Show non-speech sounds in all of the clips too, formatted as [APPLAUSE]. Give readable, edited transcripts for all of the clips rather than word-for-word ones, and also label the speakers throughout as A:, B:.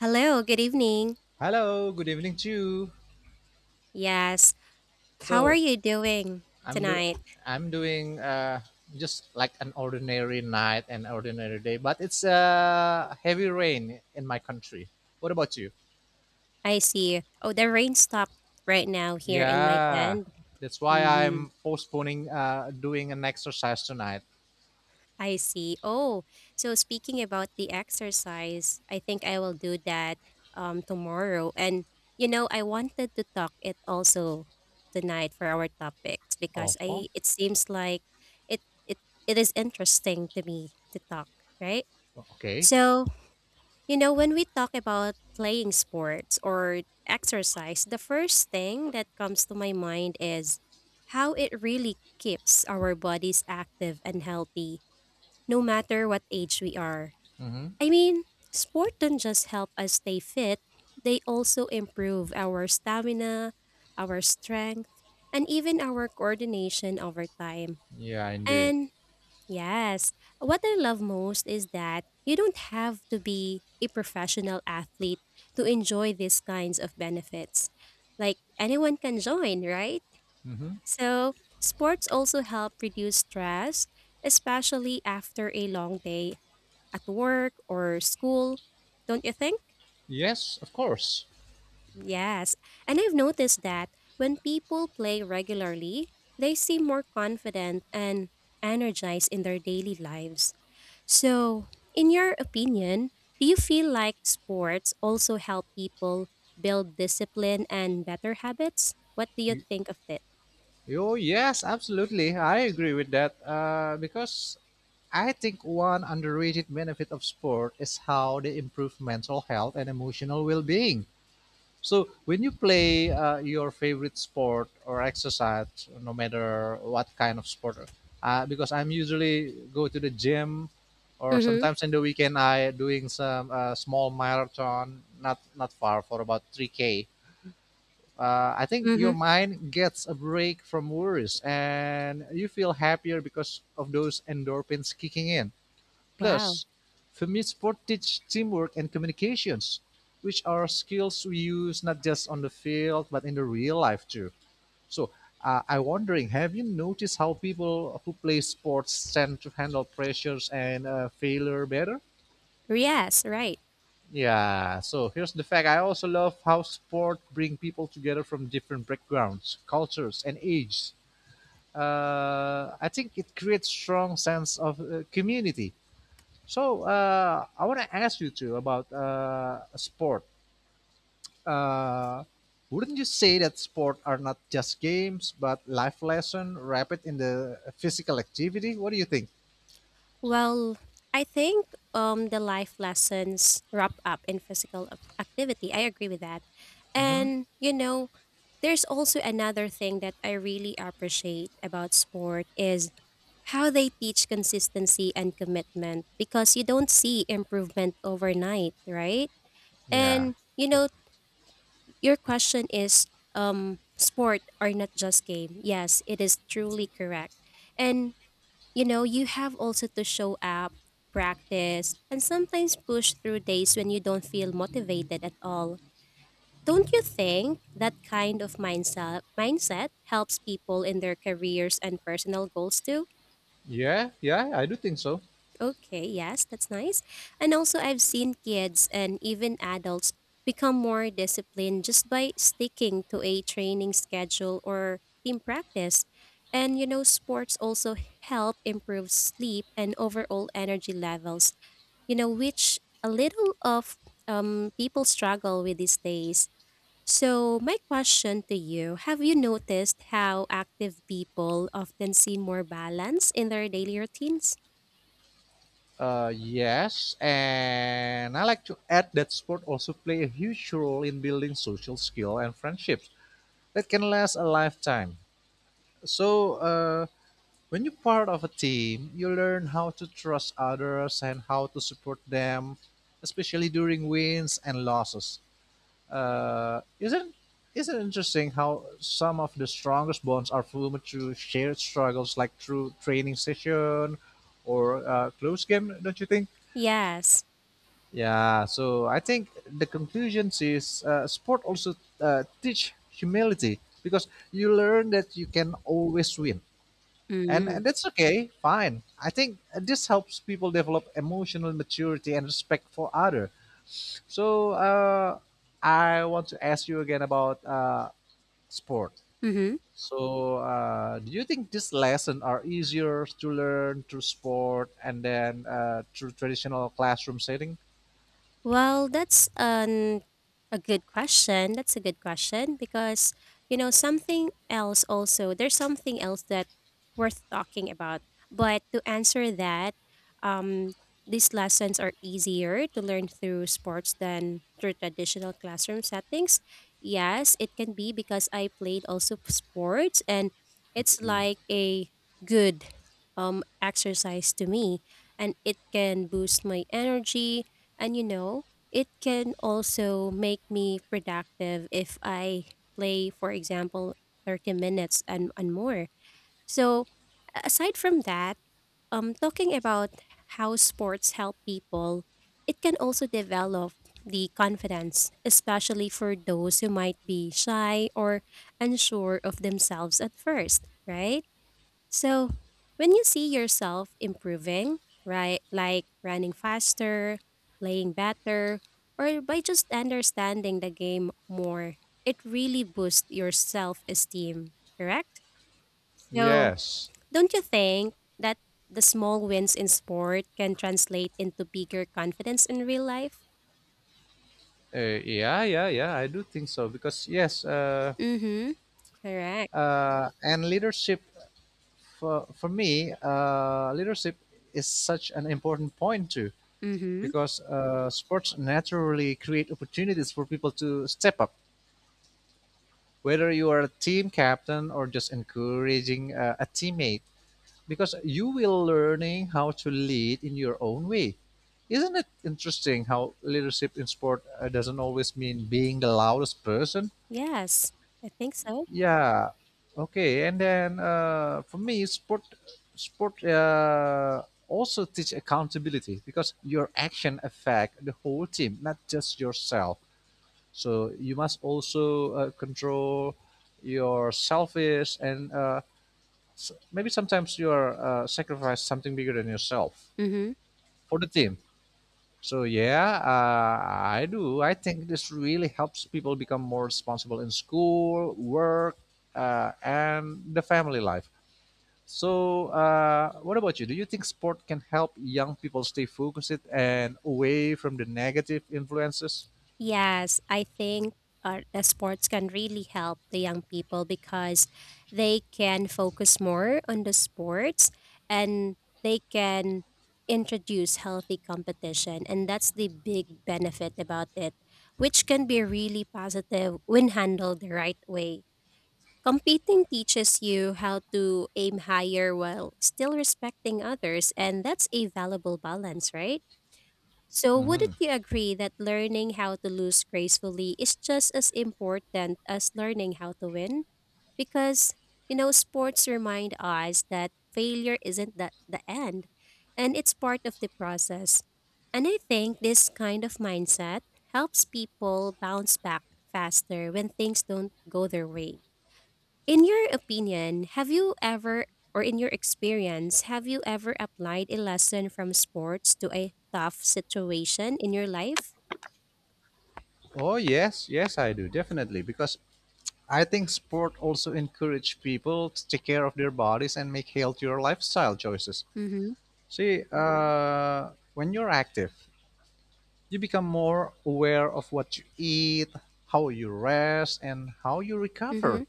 A: Hello, good evening.
B: Hello, good evening to you.
A: Yes, how are
B: So
A: you doing
B: I'm do
A: tonight?
B: I'm doing just like an ordinary night and ordinary day, but it's heavy rain in my country. What about you?
A: I see. Oh, the rain stopped right now here in my
B: Yeah,
A: end.
B: that's why
A: Mm-hmm.
B: I'm postponing doing an exercise tonight.
A: I see. Oh, so speaking about the exercise, I think I will do that tomorrow. And you know, I wanted to talk it also tonight for our topics
B: Oh,
A: because
B: huh?
A: I it seems like it is interesting to me to talk, right?
B: Okay.
A: So, You know, when we talk about playing sports or exercise, the first thing that comes to my mind is how it really keeps our bodies active and healthy, no matter what age we are.
B: Mm-hmm.
A: I mean, sport don't just help us stay fit, they also improve our stamina, our strength, and even our coordination over time.
B: Yeah, indeed.
A: And Yes. What I love most is that you don't have to be a professional athlete to enjoy these kinds of benefits. Like anyone can join, right?
B: Mm-hmm.
A: So, sports also help reduce stress, especially after a long day at work or school, don't you think?
B: Yes, of course.
A: Yes, and I've noticed that when people play regularly, they seem more confident and energized in their daily lives. So, in your opinion, do you feel like sports also help people build discipline and better habits? What do you
B: Y-
A: think of it?
B: Oh, yes, absolutely. I agree with that. Because I think one underrated benefit of sport is how they improve mental health and emotional well-being. So when you play your favorite sport or exercise, no matter what kind of sport, because I'm usually go to the gym, or
A: Mm-hmm.
B: sometimes in the weekend I doing some small marathon, not far for about 3K. I think your
A: Mm-hmm.
B: mind gets a break from worries and you feel happier because of those endorphins kicking in.
A: Wow.
B: Plus, Filmsport teach teamwork and communications, which are skills we use not just on the field but in the real life too. So I'm wondering, have you noticed how people who play sports tend to handle pressures and failure better?
A: Yes, right.
B: Yeah, so here's the fact. I also love how sport bring people together from different backgrounds, cultures, and ages. I think it creates strong sense of community. So I want to ask you too about sport. Uh, wouldn't you say that sport are not just games but life lesson wrapped in the physical activity? What do you think?
A: Well, I think the life lessons wrap up in physical activity. I agree with that.
B: Hmm.
A: And, you know, there's also another thing that I really appreciate about sport is how they teach consistency and commitment because you don't see improvement overnight, right?
B: Yeah,
A: And, you know, your question is sport are not just game. Yes, it is truly correct. And you know, you have also to show up, practice, and sometimes push through days when you don't feel motivated at all. Don't you think that kind of mindset helps people in their careers and personal goals too?
B: yeah, yeah. I do think so.
A: Okay, yes, that's nice. And also I've seen kids and even adults become more disciplined just by sticking to a training schedule or team practice. And you know, sports also help improve sleep and overall energy levels. You know, which a little of people struggle with these days. So, my question to you, have you noticed how active people often see more balance in their daily routines?
B: Yes, and I like to add that sport also play a huge role in building social skill and friendships that can last a lifetime. So when you're part of a team, you learn how to trust others and how to support them, especially during wins and losses. Uh, isn't isn't it interesting how some of the strongest bonds are formed through shared struggles, like through training session or close game? Don't you think?
A: Yes.
B: Yeah. So I think the conclusion is sport also teach humility because you learn that you can always win and
A: Mm-hmm.
B: and that's okay fine. I think this helps people develop emotional maturity and respect for other. So I want to ask you again about sport.
A: Mm-hmm.
B: So do you think these lessons are easier to learn through sport and then through traditional classroom setting?
A: Well, that's an a good question. That's a good question because you know something else also. There's something else that worth talking about. But to answer that, um, these lessons are easier to learn through sports than through traditional classroom settings. Yes, it can be because I played also sports, and it's like a good exercise to me, and it can boost my energy and you know, it can also make me productive if I play, for example, 30 minutes and more. So, aside from that, talking about how sports help people, it can also develop the confidence, especially for those who might be shy or unsure of themselves at first, right? So, when you see yourself improving, right, like running faster, playing better, or by just understanding the game more, it really boosts your self esteem, correct? So,
B: Yes.
A: don't you think that the small wins in sport can translate into bigger confidence in real life?
B: Yeah, yeah, yeah. I do think so because yes,
A: Mm hmm. Correct.
B: and leadership for me, leadership is such an important point too,
A: Mm hmm.
B: because sports naturally create opportunities for people to step up, whether you are a team captain or just encouraging a teammate, because you will learning how to lead in your own way. Isn't it interesting how leadership in sport doesn't always mean being the loudest person?
A: Yes, I think so.
B: Yeah. Okay. And then for me sport also teach accountability because your action affect the whole team, not just yourself. So you must also control your selfish and maybe sometimes you are sacrifice something bigger than yourself
A: Mm hmm.
B: for the team. So yeah, I do. I think this really helps people become more responsible in school, work, and the family life. So what about you? Do you think sport can help young people stay focused and away from the negative influences?
A: Yes, I think the sports can really help the young people because they can focus more on the sports and they can introduce healthy competition. And that's the big benefit about it, which can be really positive when handled the right way. Competing teaches you how to aim higher while still respecting others, and that's a valuable balance, right? So,
B: Hmm.
A: wouldn't you agree that learning how to lose gracefully is just as important as learning how to win? Because, you know, sports remind us that failure isn't the end and it's part of the process. And I think this kind of mindset helps people bounce back faster when things don't go their way. In your opinion, have you ever, or in your experience, have you ever applied a lesson from sports to a tough situation in your life?
B: Oh yes, yes I do definitely because I think sport also encourage people to take care of their bodies and make healthier lifestyle choices.
A: Mm-hmm.
B: See, when you're active, you become more aware of what you eat, how you rest, and how you
A: Mm-hmm.
B: recover.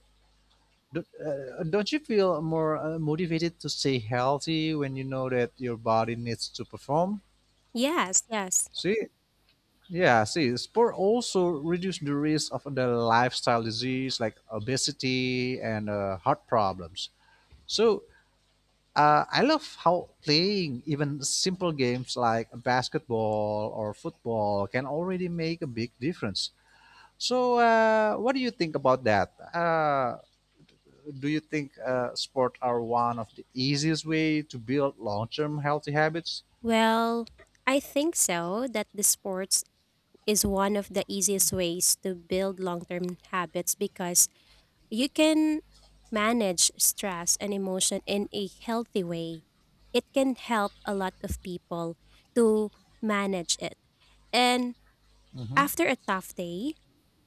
B: Don't you feel more motivated to stay healthy when you know that your body needs to perform?
A: Yes, yes.
B: See, yeah, see, sport also reduce the risk of the lifestyle disease like obesity and heart problems. So I love how playing even simple games like basketball or football can already make a big difference. So, what do you think about that? Do you think sport are one of the easiest way to build long-term healthy habits?
A: Well, I think so, that the sports is one of the easiest ways to build long term habits because you can manage stress and emotion in a healthy way. It can help a lot of people to manage it. And
B: Mm-hmm.
A: after a tough day,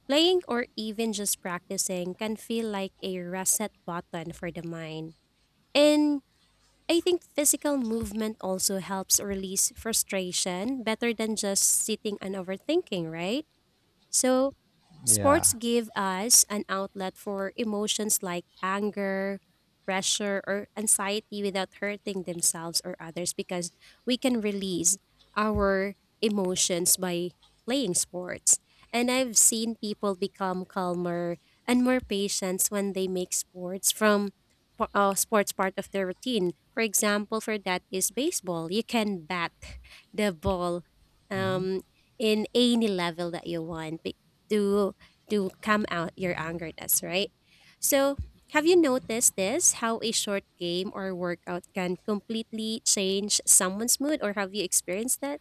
A: playing or even just practicing can feel like a reset button for the mind. And I think physical movement also helps release frustration better than just sitting and overthinking, right? So, sports
B: Yeah.
A: give us an outlet for emotions like anger, pressure, or anxiety without hurting themselves or others because we can release our emotions by playing sports. And I've seen people become calmer and more patient when they make sports from sports part of their routine. For example, for that is baseball. You can bat the ball
B: Mm-hmm.
A: um, in any level that you want to to calm out your angerness, right? So, have you noticed this? How a short game or workout can completely change someone's mood, or have you experienced that?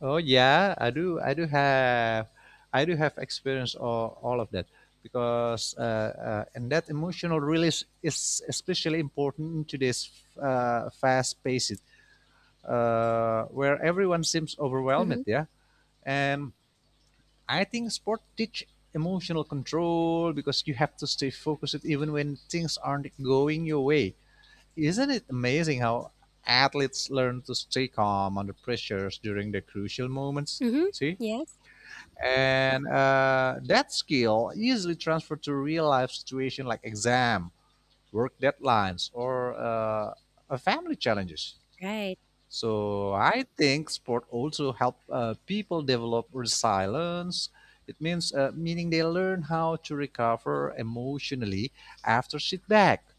B: Oh yeah, I do. I do have. I do have experience all of that because and that emotional release is especially important in today's fast paced where everyone seems overwhelmed.
A: Mm-hmm.
B: Yeah, and I think sport teach emotional control because you have to stay focused even when things aren't going your way. Isn't it amazing how athletes learn to stay calm under pressures during the crucial moments?
A: Mm-hmm.
B: See?
A: Yes.
B: And that skill easily transferred to real life situation like exam, work deadlines, or family challenges.
A: Right.
B: So I think sport also help people develop resilience. It means meaning they learn how to recover emotionally after setback.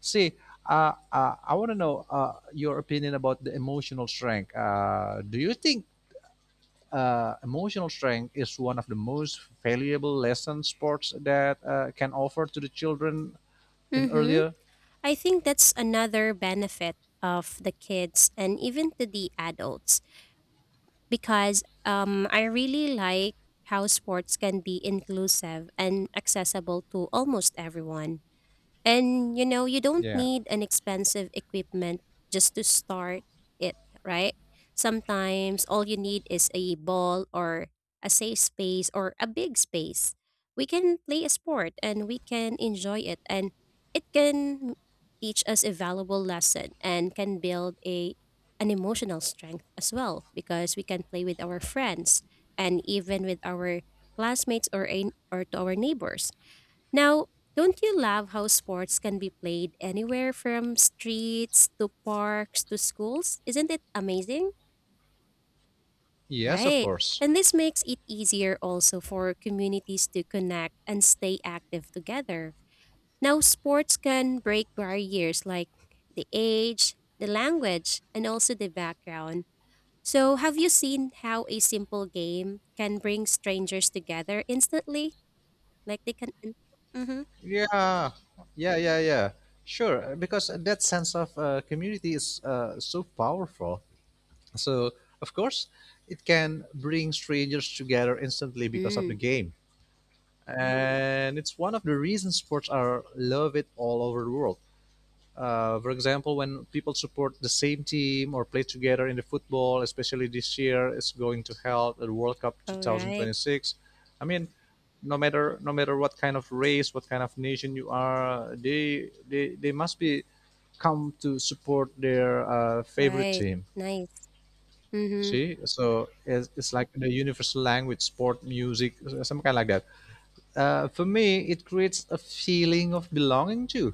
B: See, I want to know your opinion about the emotional strength. Do you think emotional strength is one of the most valuable lessons sports that can offer to the children in
A: Mm-hmm.
B: earlier?
A: I think that's another benefit of the kids and even to the adults because I really like how sports can be inclusive and accessible to almost everyone. And you know, you don't
B: Yeah.
A: need an expensive equipment just to start it, right? Sometimes all you need is a ball or a safe space or a big space. We can play a sport and we can enjoy it and it can teach us a valuable lesson and can build a an emotional strength as well because we can play with our friends and even with our classmates or to our neighbors now, don't you love how sports can be played anywhere from streets to parks to schools? Isn't it amazing?
B: Yes, of
A: Right.
B: course.
A: And this makes it easier also for communities to connect and stay active together. Now, sports can break barriers like the age, the language, and also the background. So, have you seen how a simple game can bring strangers together instantly? Like they can. Mm-hmm.
B: Yeah, yeah, yeah, yeah. Sure, because that sense of community is so powerful. So, of course, it can bring strangers together instantly because of the
A: Mm.
B: game. And it's one of the reasons sports are loved all over the world. For example, when people support the same team or play together in the football, especially this year, it's going to help the World Cup
A: All right.
B: 2026. I mean, no matter what kind of race, what kind of nation you are, they must be come to support their favorite
A: Right.
B: team.
A: Nice. Mhm.
B: See, so it's like the universal language, sport, music, some kind like that. For me, it creates a feeling of belonging too.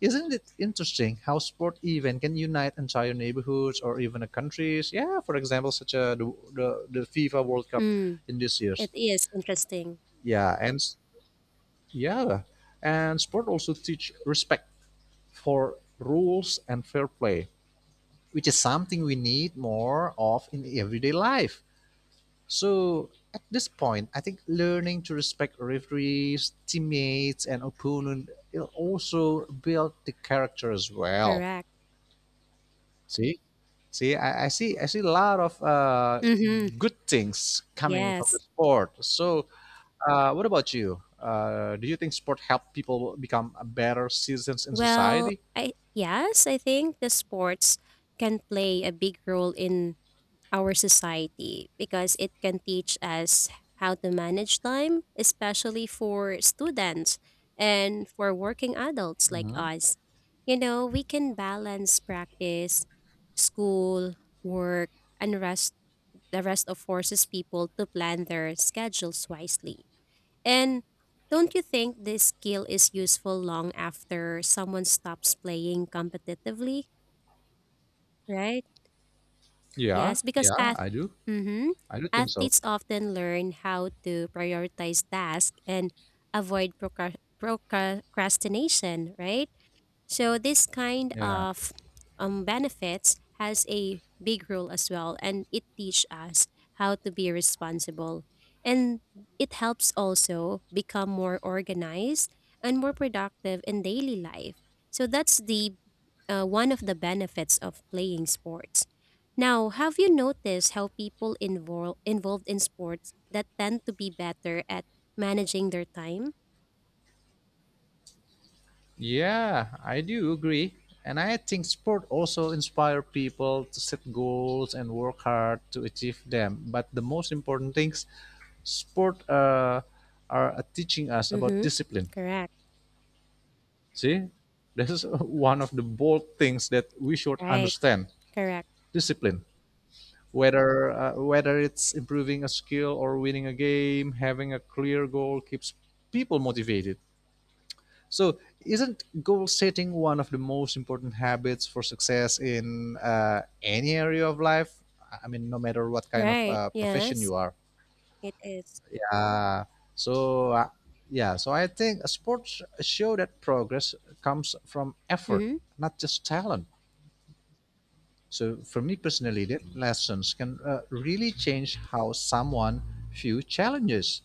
B: Isn't it interesting how sport event can unite entire neighborhoods or even a countries? Yeah, for example, such a the FIFA World Cup
A: Mm.
B: in this year's.
A: It is interesting.
B: Yeah, and s- yeah, and sport also teach respect for rules and fair play, which is something we need more of in everyday life. So at this point, I think learning to respect referees, teammates, and opponent it also build the character as well.
A: Correct.
B: See, see, I see a lot of
A: Mhm.
B: good things coming from the
A: Yes.
B: sport. So, what about you? Do you think sport help people become better citizens in
A: Well,
B: society?
A: I yes, I think the sports can play a big role in our society because it can teach us how to manage time, especially for students and for working adults like
B: Hmm.
A: us. You know, we can balance practice, school, work, and rest. The rest of forces people to plan their schedules wisely. And don't you think this skill is useful long after someone stops playing competitively? Right?
B: Yeah,
A: Yes, because
B: yeah, I do.
A: mhm,
B: I do think so.
A: athletes often learn how to prioritize tasks and avoid procrastination, right? So this kind
B: Yeah,
A: of benefits has a big role as well, and it teach us how to be responsible, and it helps also become more organized and more productive in daily life. So that's the one of the benefits of playing sports. Now, have you noticed how people involved in sports that tend to be better at managing their time?
B: yeah, I do agree. And I think sport also inspire people to set goals and work hard to achieve them. But the most important things, sport are teaching us about
A: Mm-hmm.
B: discipline.
A: Correct.
B: See, this is one of the bold things that we should
A: Right.
B: understand.
A: Correct.
B: Discipline, whether it's improving a skill or winning a game, having a clear goal keeps people motivated. So, isn't goal setting one of the most important habits for success in any area of life? I mean, no matter what kind of
A: Right.
B: profession
A: Yes,
B: you are.
A: it is.
B: Yeah. So, yeah. So I think sports show that progress comes from effort,
A: Mm-hmm.
B: not just talent. So for me personally, that lessons can really change how someone view challenges.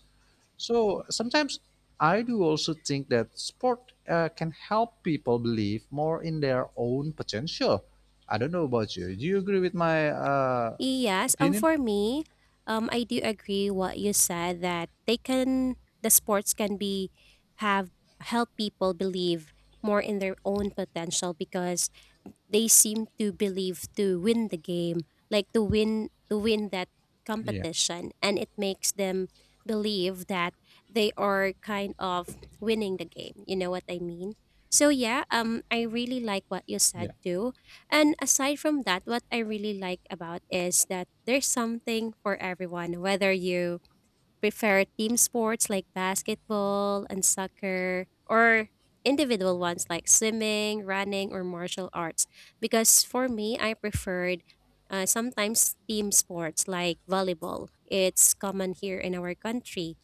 B: So sometimes I do also think that sport can help people believe more in their own potential. I don't know about you. Do you agree with my
A: Yes.
B: opinion?
A: For me, I do agree what you said that the sports can be have help people believe more in their own potential because they seem to believe to win the game, like to win that
B: Yeah,
A: competition, and it makes them believe that they are kind of winning the game. You know what I mean? So yeah, I really like what you
B: yeah.
A: said too. And aside from that, what I really like about is that there's something for everyone, whether you prefer team sports like basketball and soccer or individual ones like swimming, running, or martial arts. Because for me, I preferred sometimes team sports like volleyball. It's common here in our country.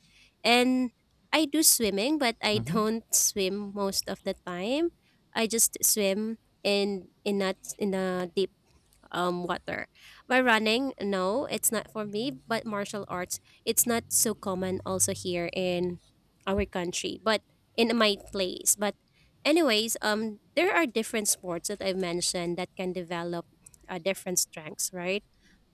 A: And I do swimming, but I [LAUGHS]
B: Hmm.
A: don't swim most of the time. I just swim in not in a deep water. By running, no, it's not for me, but martial arts, it's not so common also here in our country, but in my place. But anyways, there are different sports that I've mentioned that can develop different strengths, right?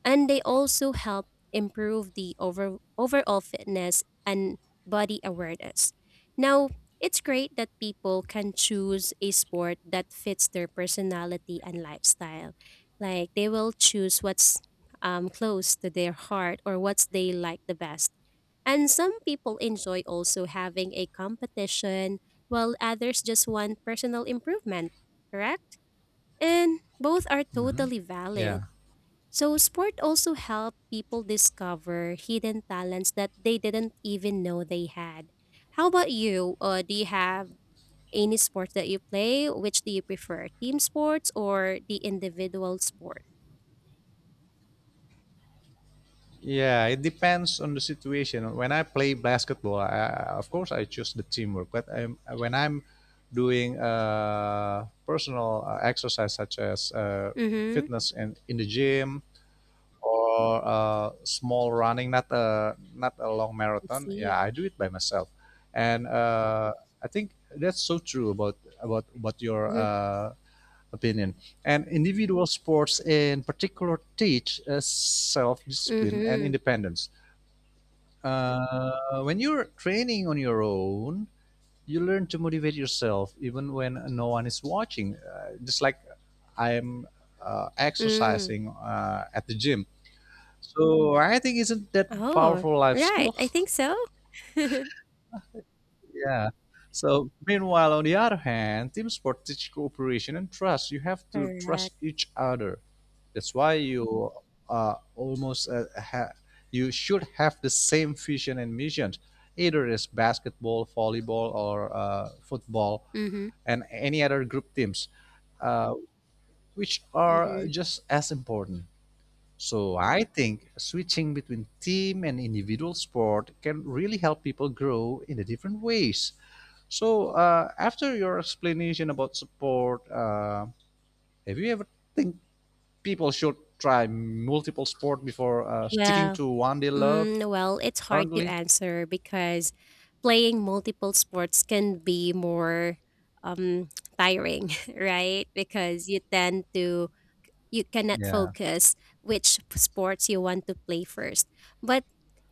A: And they also help improve the overall fitness and body awareness. Now, it's great that people can choose a sport that fits their personality and lifestyle. Like they will choose what's close to their heart or what they like the best. And some people enjoy also having a competition, while others just want personal improvement, correct? And both are totally
B: Yeah.
A: valid. So, sport also helped people discover hidden talents that they didn't even know they had. How about you? Do you have any sports that you play? Which do you prefer, team sports or the individual sport?
B: Yeah, it depends on the situation. When I play basketball, of course I choose the teamwork. But when I'm doing personal exercise such as
A: Mm-hmm.
B: fitness and in the gym, or small running, not a long
A: I
B: marathon.
A: see.
B: Yeah, I do it by myself, and I think that's so true about your
A: Mm-hmm.
B: opinion. And individual sports, in particular, teach self discipline and
A: Mm-hmm.
B: independence. When you're training on your own, you learn to motivate yourself even when no one is watching. Just like I'm
A: Mm.
B: exercising at the gym, so I think isn't that
A: Oh,
B: powerful life
A: right.
B: skill?
A: I think so.
B: [LAUGHS] Yeah. So meanwhile, on the other hand, team sport teach cooperation and trust. You have
A: [LAUGHS]
B: to trust
A: Correct.
B: each other. That's why you almost you should have the same vision and missions. Either it's basketball, volleyball, or football,
A: Mm-hmm.
B: and any other group teams, uh, which are
A: Mm-hmm.
B: just as important. So I think switching between team and individual sport can really help people grow in a different ways. So after your explanation about support, have you ever think people should try multiple sport before sticking
A: Well,
B: to one they love
A: Well, it's hard to
B: currently?
A: answer because playing multiple sports can be more um, [TSK] tiring, [LAUGHS] right? Because you tend to you cannot
B: Yeah.
A: focus which sports you want to play first. But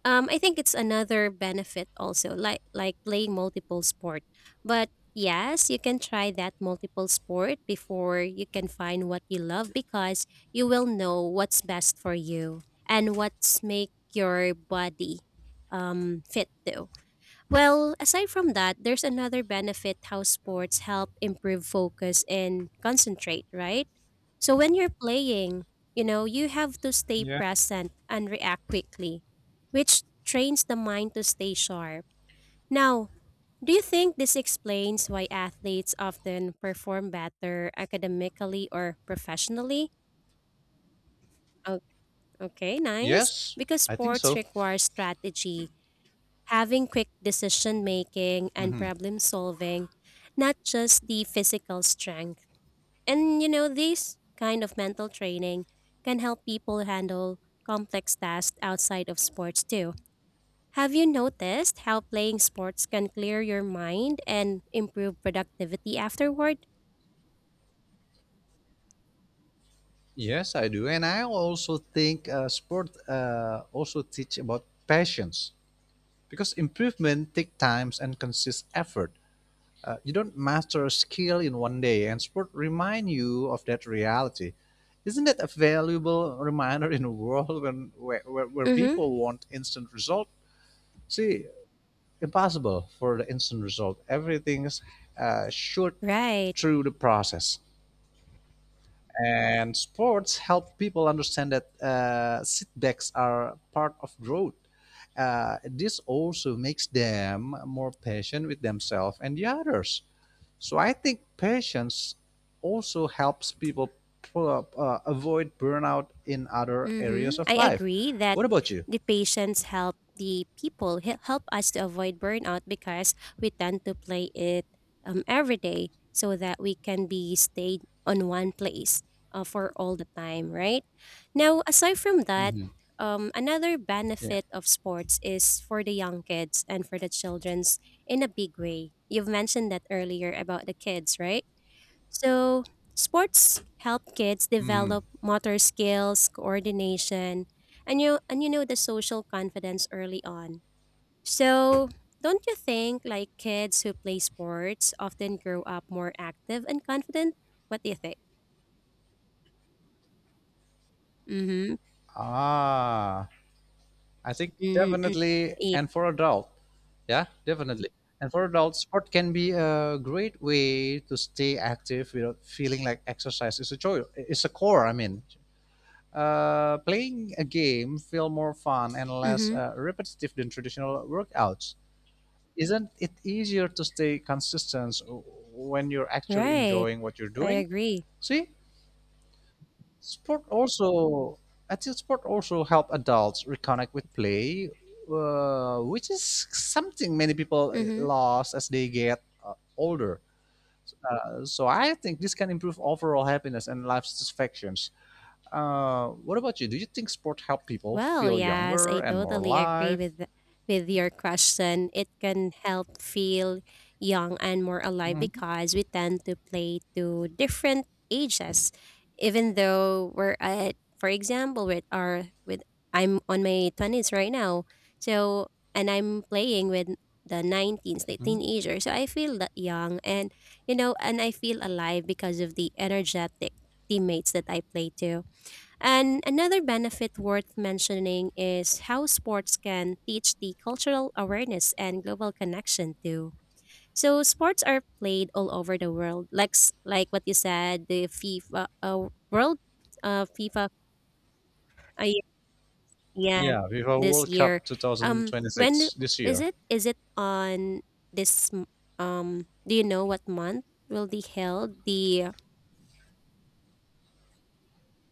A: I think it's another benefit also, like playing multiple sport. But yes, you can try that multiple sport before you can find what you love because you will know what's best for you and what's make your body fit too. Well, aside from that, there's another benefit how sports help improve focus and concentrate, right? So when you're playing, you know, you have to stay present and react quickly, which trains the mind to stay sharp. Now, do you think this explains why athletes often perform better academically or professionally? O- Okay, nice.
B: Yes,
A: Because
B: I think
A: sports
B: so.
A: require strategy having quick decision making and
B: Hmm.
A: problem solving, not just the physical strength. And you know, this kind of mental training can help people handle complex tasks outside of sports too. Have you noticed how playing sports can clear your mind and improve productivity afterward?
B: Yes, I do, and I also think sport also teach about patience because improvement take times and consists effort. You don't master a skill in one day, and sport remind you of that reality. Isn't that a valuable reminder in a world where
A: Mm-hmm.
B: people want instant result? See, impossible for the instant result. Everything is short
A: Right.
B: through the process. And sports help people understand that setbacks are part of growth. This also makes them more patient with themselves and the others. So I think patience also helps people avoid burnout in other areas
A: Mm-hmm.
B: of
A: I
B: life.
A: agree that
B: What about you?
A: the patients help help us to avoid burnout because we tend to play it every day so that we can be stayed on one place for all the time, right? Now, aside from that,
B: Hmm.
A: another
B: Yeah.
A: benefit of sports is for the young kids and for the children's in a big way. You've mentioned that earlier about the kids, right? So, sports help kids
B: Hmm.
A: develop motor skills, coordination, and you know the social confidence early on. So, don't you think like kids who play sports often grow up more active and confident? What do you think? Mhm.
B: Ah, I think
A: Mm-hmm.
B: definitely,
A: Yeah.
B: and for adult, yeah, definitely. And for adults, sport can be a great way to stay active without feeling like exercise is a chore. It's a core. I mean, playing a game feel more fun and less
A: Mhm.
B: repetitive than traditional workouts. Isn't it easier to stay consistent when you're actually
A: Right.
B: enjoying what you're
A: I
B: doing?
A: agree.
B: See, sport also, I think sport also help adults reconnect with play, which is something many people
A: Mhm.
B: lost as they get older. So I think this can improve overall happiness and life satisfactions. What about you? Do you think sport help people
A: Well,
B: feel
A: yes,
B: younger
A: I
B: and more
A: totally agree
B: alive?
A: with your question. It can help feel young and more alive
B: Mhm,
A: because we tend to play to different ages, even though we're at, for example, with our with I'm on my twenties right now, so and I'm playing with the 19s the
B: mhm.
A: teenager, so I feel that young and you know, and I feel alive because of the energetic teammates that I play to. And another benefit worth mentioning is how sports can teach the cultural awareness and global connection too. So sports are played all over the world, like like what you said, the FIFA World uh, FIFA uh, y- yeah,
B: Yeah, FIFA
A: this
B: World
A: year.
B: Cup
A: When
B: 2026 this
A: is
B: year.
A: it? This? m- do you know what month will be held? The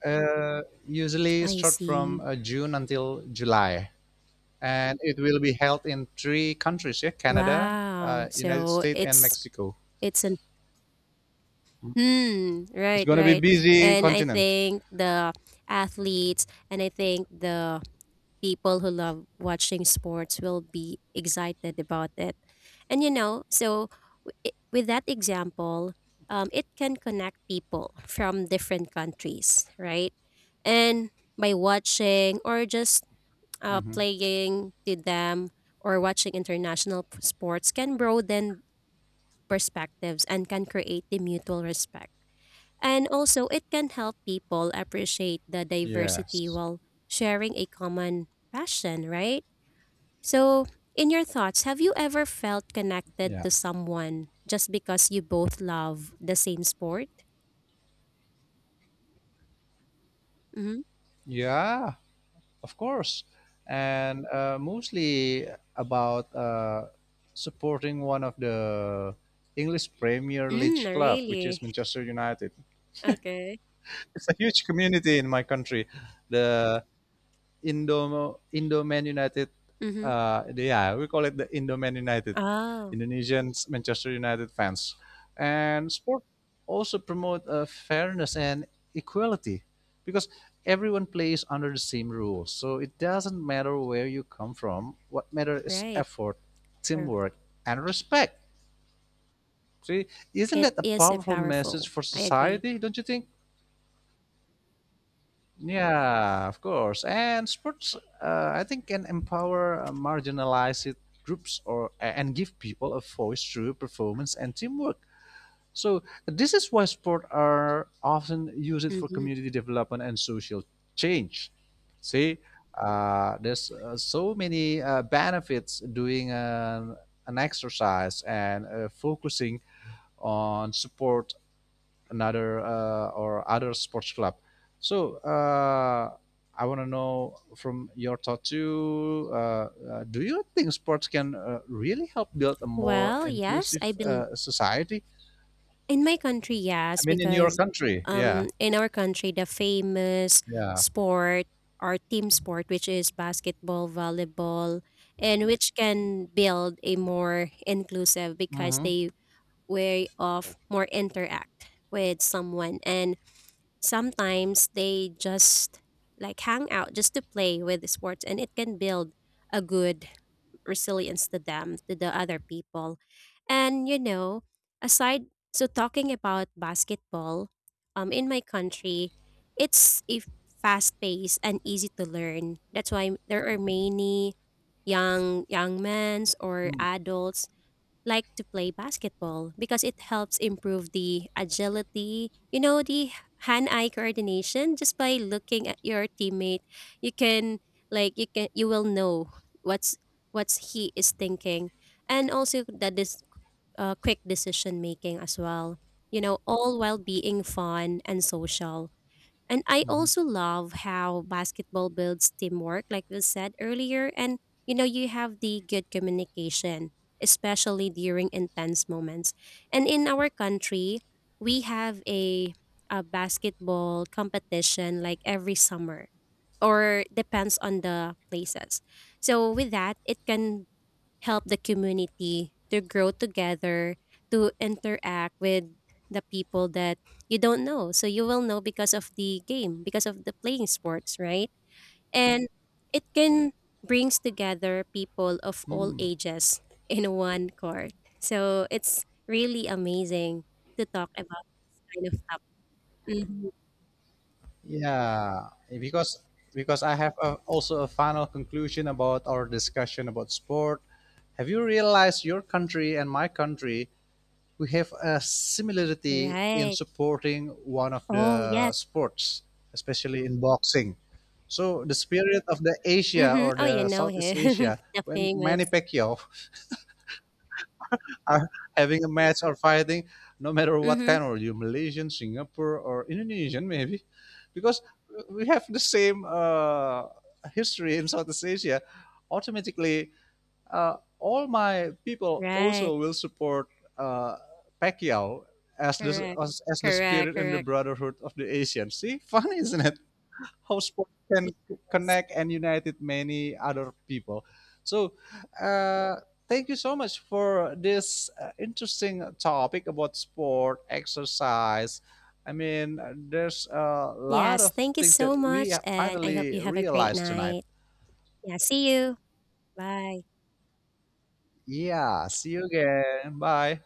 B: Usually
A: I
B: start from
A: see.
B: June until July, and it will be held in three countries: yeah, Canada,
A: Wow.
B: United
A: So
B: States, and
A: it's
B: Mexico.
A: it's hmm.
B: It's
A: Right.
B: going to be
A: Right.
B: busy
A: And I
B: continent.
A: think the athletes, and I think the people who love watching sports will be excited about it. And you know, so with that example, it can connect people from different countries, right? And by watching or just
B: Hmm.
A: playing to them or watching international sports can broaden perspectives and can create the mutual respect. And also, it can help people appreciate the diversity
B: Yes.
A: while sharing a common passion, right? So, in your thoughts, have you ever felt connected
B: Yeah.
A: to someone just because you both love the same sport? Mm-hmm.
B: Yeah. Of course, and mostly about supporting one of the English Premier
A: Mm,
B: League club, which is
A: really?
B: Manchester United.
A: Okay.
B: [LAUGHS] It's a huge community in my country. The Indo-Man United.
A: Mm-hmm.
B: Yeah, we call it the Indo-Man United,
A: Oh,
B: Indonesians Manchester United fans. And sport also promote fairness and equality because everyone plays under the same rules. So it doesn't matter where you come from. What matters is
A: right.
B: effort,
A: Sure.
B: teamwork, and respect. See, isn't
A: It
B: that a
A: is a
B: powerful message
A: powerful.
B: for
A: I agree.
B: society? Don't you think? Yeah, of course. And sports, I think, can empower marginalized groups or and give people a voice through performance and teamwork. So this is why sports are often used for
A: Mm-hmm.
B: community development and social change. See, there's so many benefits doing an exercise and focusing on support another or other sports club. So I want to know from your thought too. Do you think sports can really help build a more
A: Well, yes,
B: inclusive
A: I believe.
B: society?
A: In my country,
B: I
A: yes,
B: mean, in your
A: because
B: country, yeah,
A: in our country, the famous
B: yeah.
A: sport or team sport, which is basketball, volleyball, and which can build a more inclusive because
B: Mm-hmm.
A: they way of more interact with someone, and sometimes they just like hang out just to play with the sports, and it can build a good resilience to them, to the other people. And you know, aside so talking about basketball, um, in my country, it's a fast paced and easy to learn. That's why there are many young men or adults like to play basketball because it helps improve the agility, you know, the hand eye coordination just by looking at your teammate. You can you will know what's what's he is thinking, and also that this quick decision making as well. You know, all while being fun and social. And I
B: Mm-hmm.
A: also love how basketball builds teamwork, like we said earlier. And, you know, you have the good communication, especially during intense moments. And in our country, we have a basketball competition like every summer or depends on the places. So with that, it can help the community to grow together, to interact with the people that you don't know. So you will know because of the game, because of the playing sports, right? And it can brings together people of all
B: Mm-hmm.
A: ages in one court. So it's really amazing to talk about kind of stuff. Mhm.
B: Yeah, eh, because I have a, also a final conclusion about our discussion about sport. Have you realized your country and my country we have a similarity in
A: Right.
B: supporting one of
A: Oh
B: the
A: yes.
B: sports, especially in boxing. So the spirit of the Asia
A: Mm-hmm.
B: or
A: Oh, you
B: the
A: know
B: Southeast
A: him,
B: Asia,
A: [LAUGHS] the
B: when
A: famous.
B: Manny Pacquiao are having a match or fighting, no matter what
A: Mm-hmm.
B: kind, or you Malaysian, Singapore, or Indonesian, maybe, because we have the same history in Southeast Asia. Automatically, all my people also
A: Right.
B: will support uh, Pacquiao as the
A: Correct.
B: as the
A: Correct.
B: spirit and the
A: Correct.
B: brotherhood of the Asians. See, funny, isn't it? How sport can
A: Yes.
B: connect and united many other people. So, uh, thank you so much for this interesting topic about sport, exercise. I mean, there's a lot
A: Yes.
B: of
A: Thank you
B: things that
A: so
B: we
A: much.
B: have
A: And I hope
B: finally
A: you have a great
B: realized tonight.
A: night. Yeah. See you. Bye.
B: Yeah, see you again. Bye.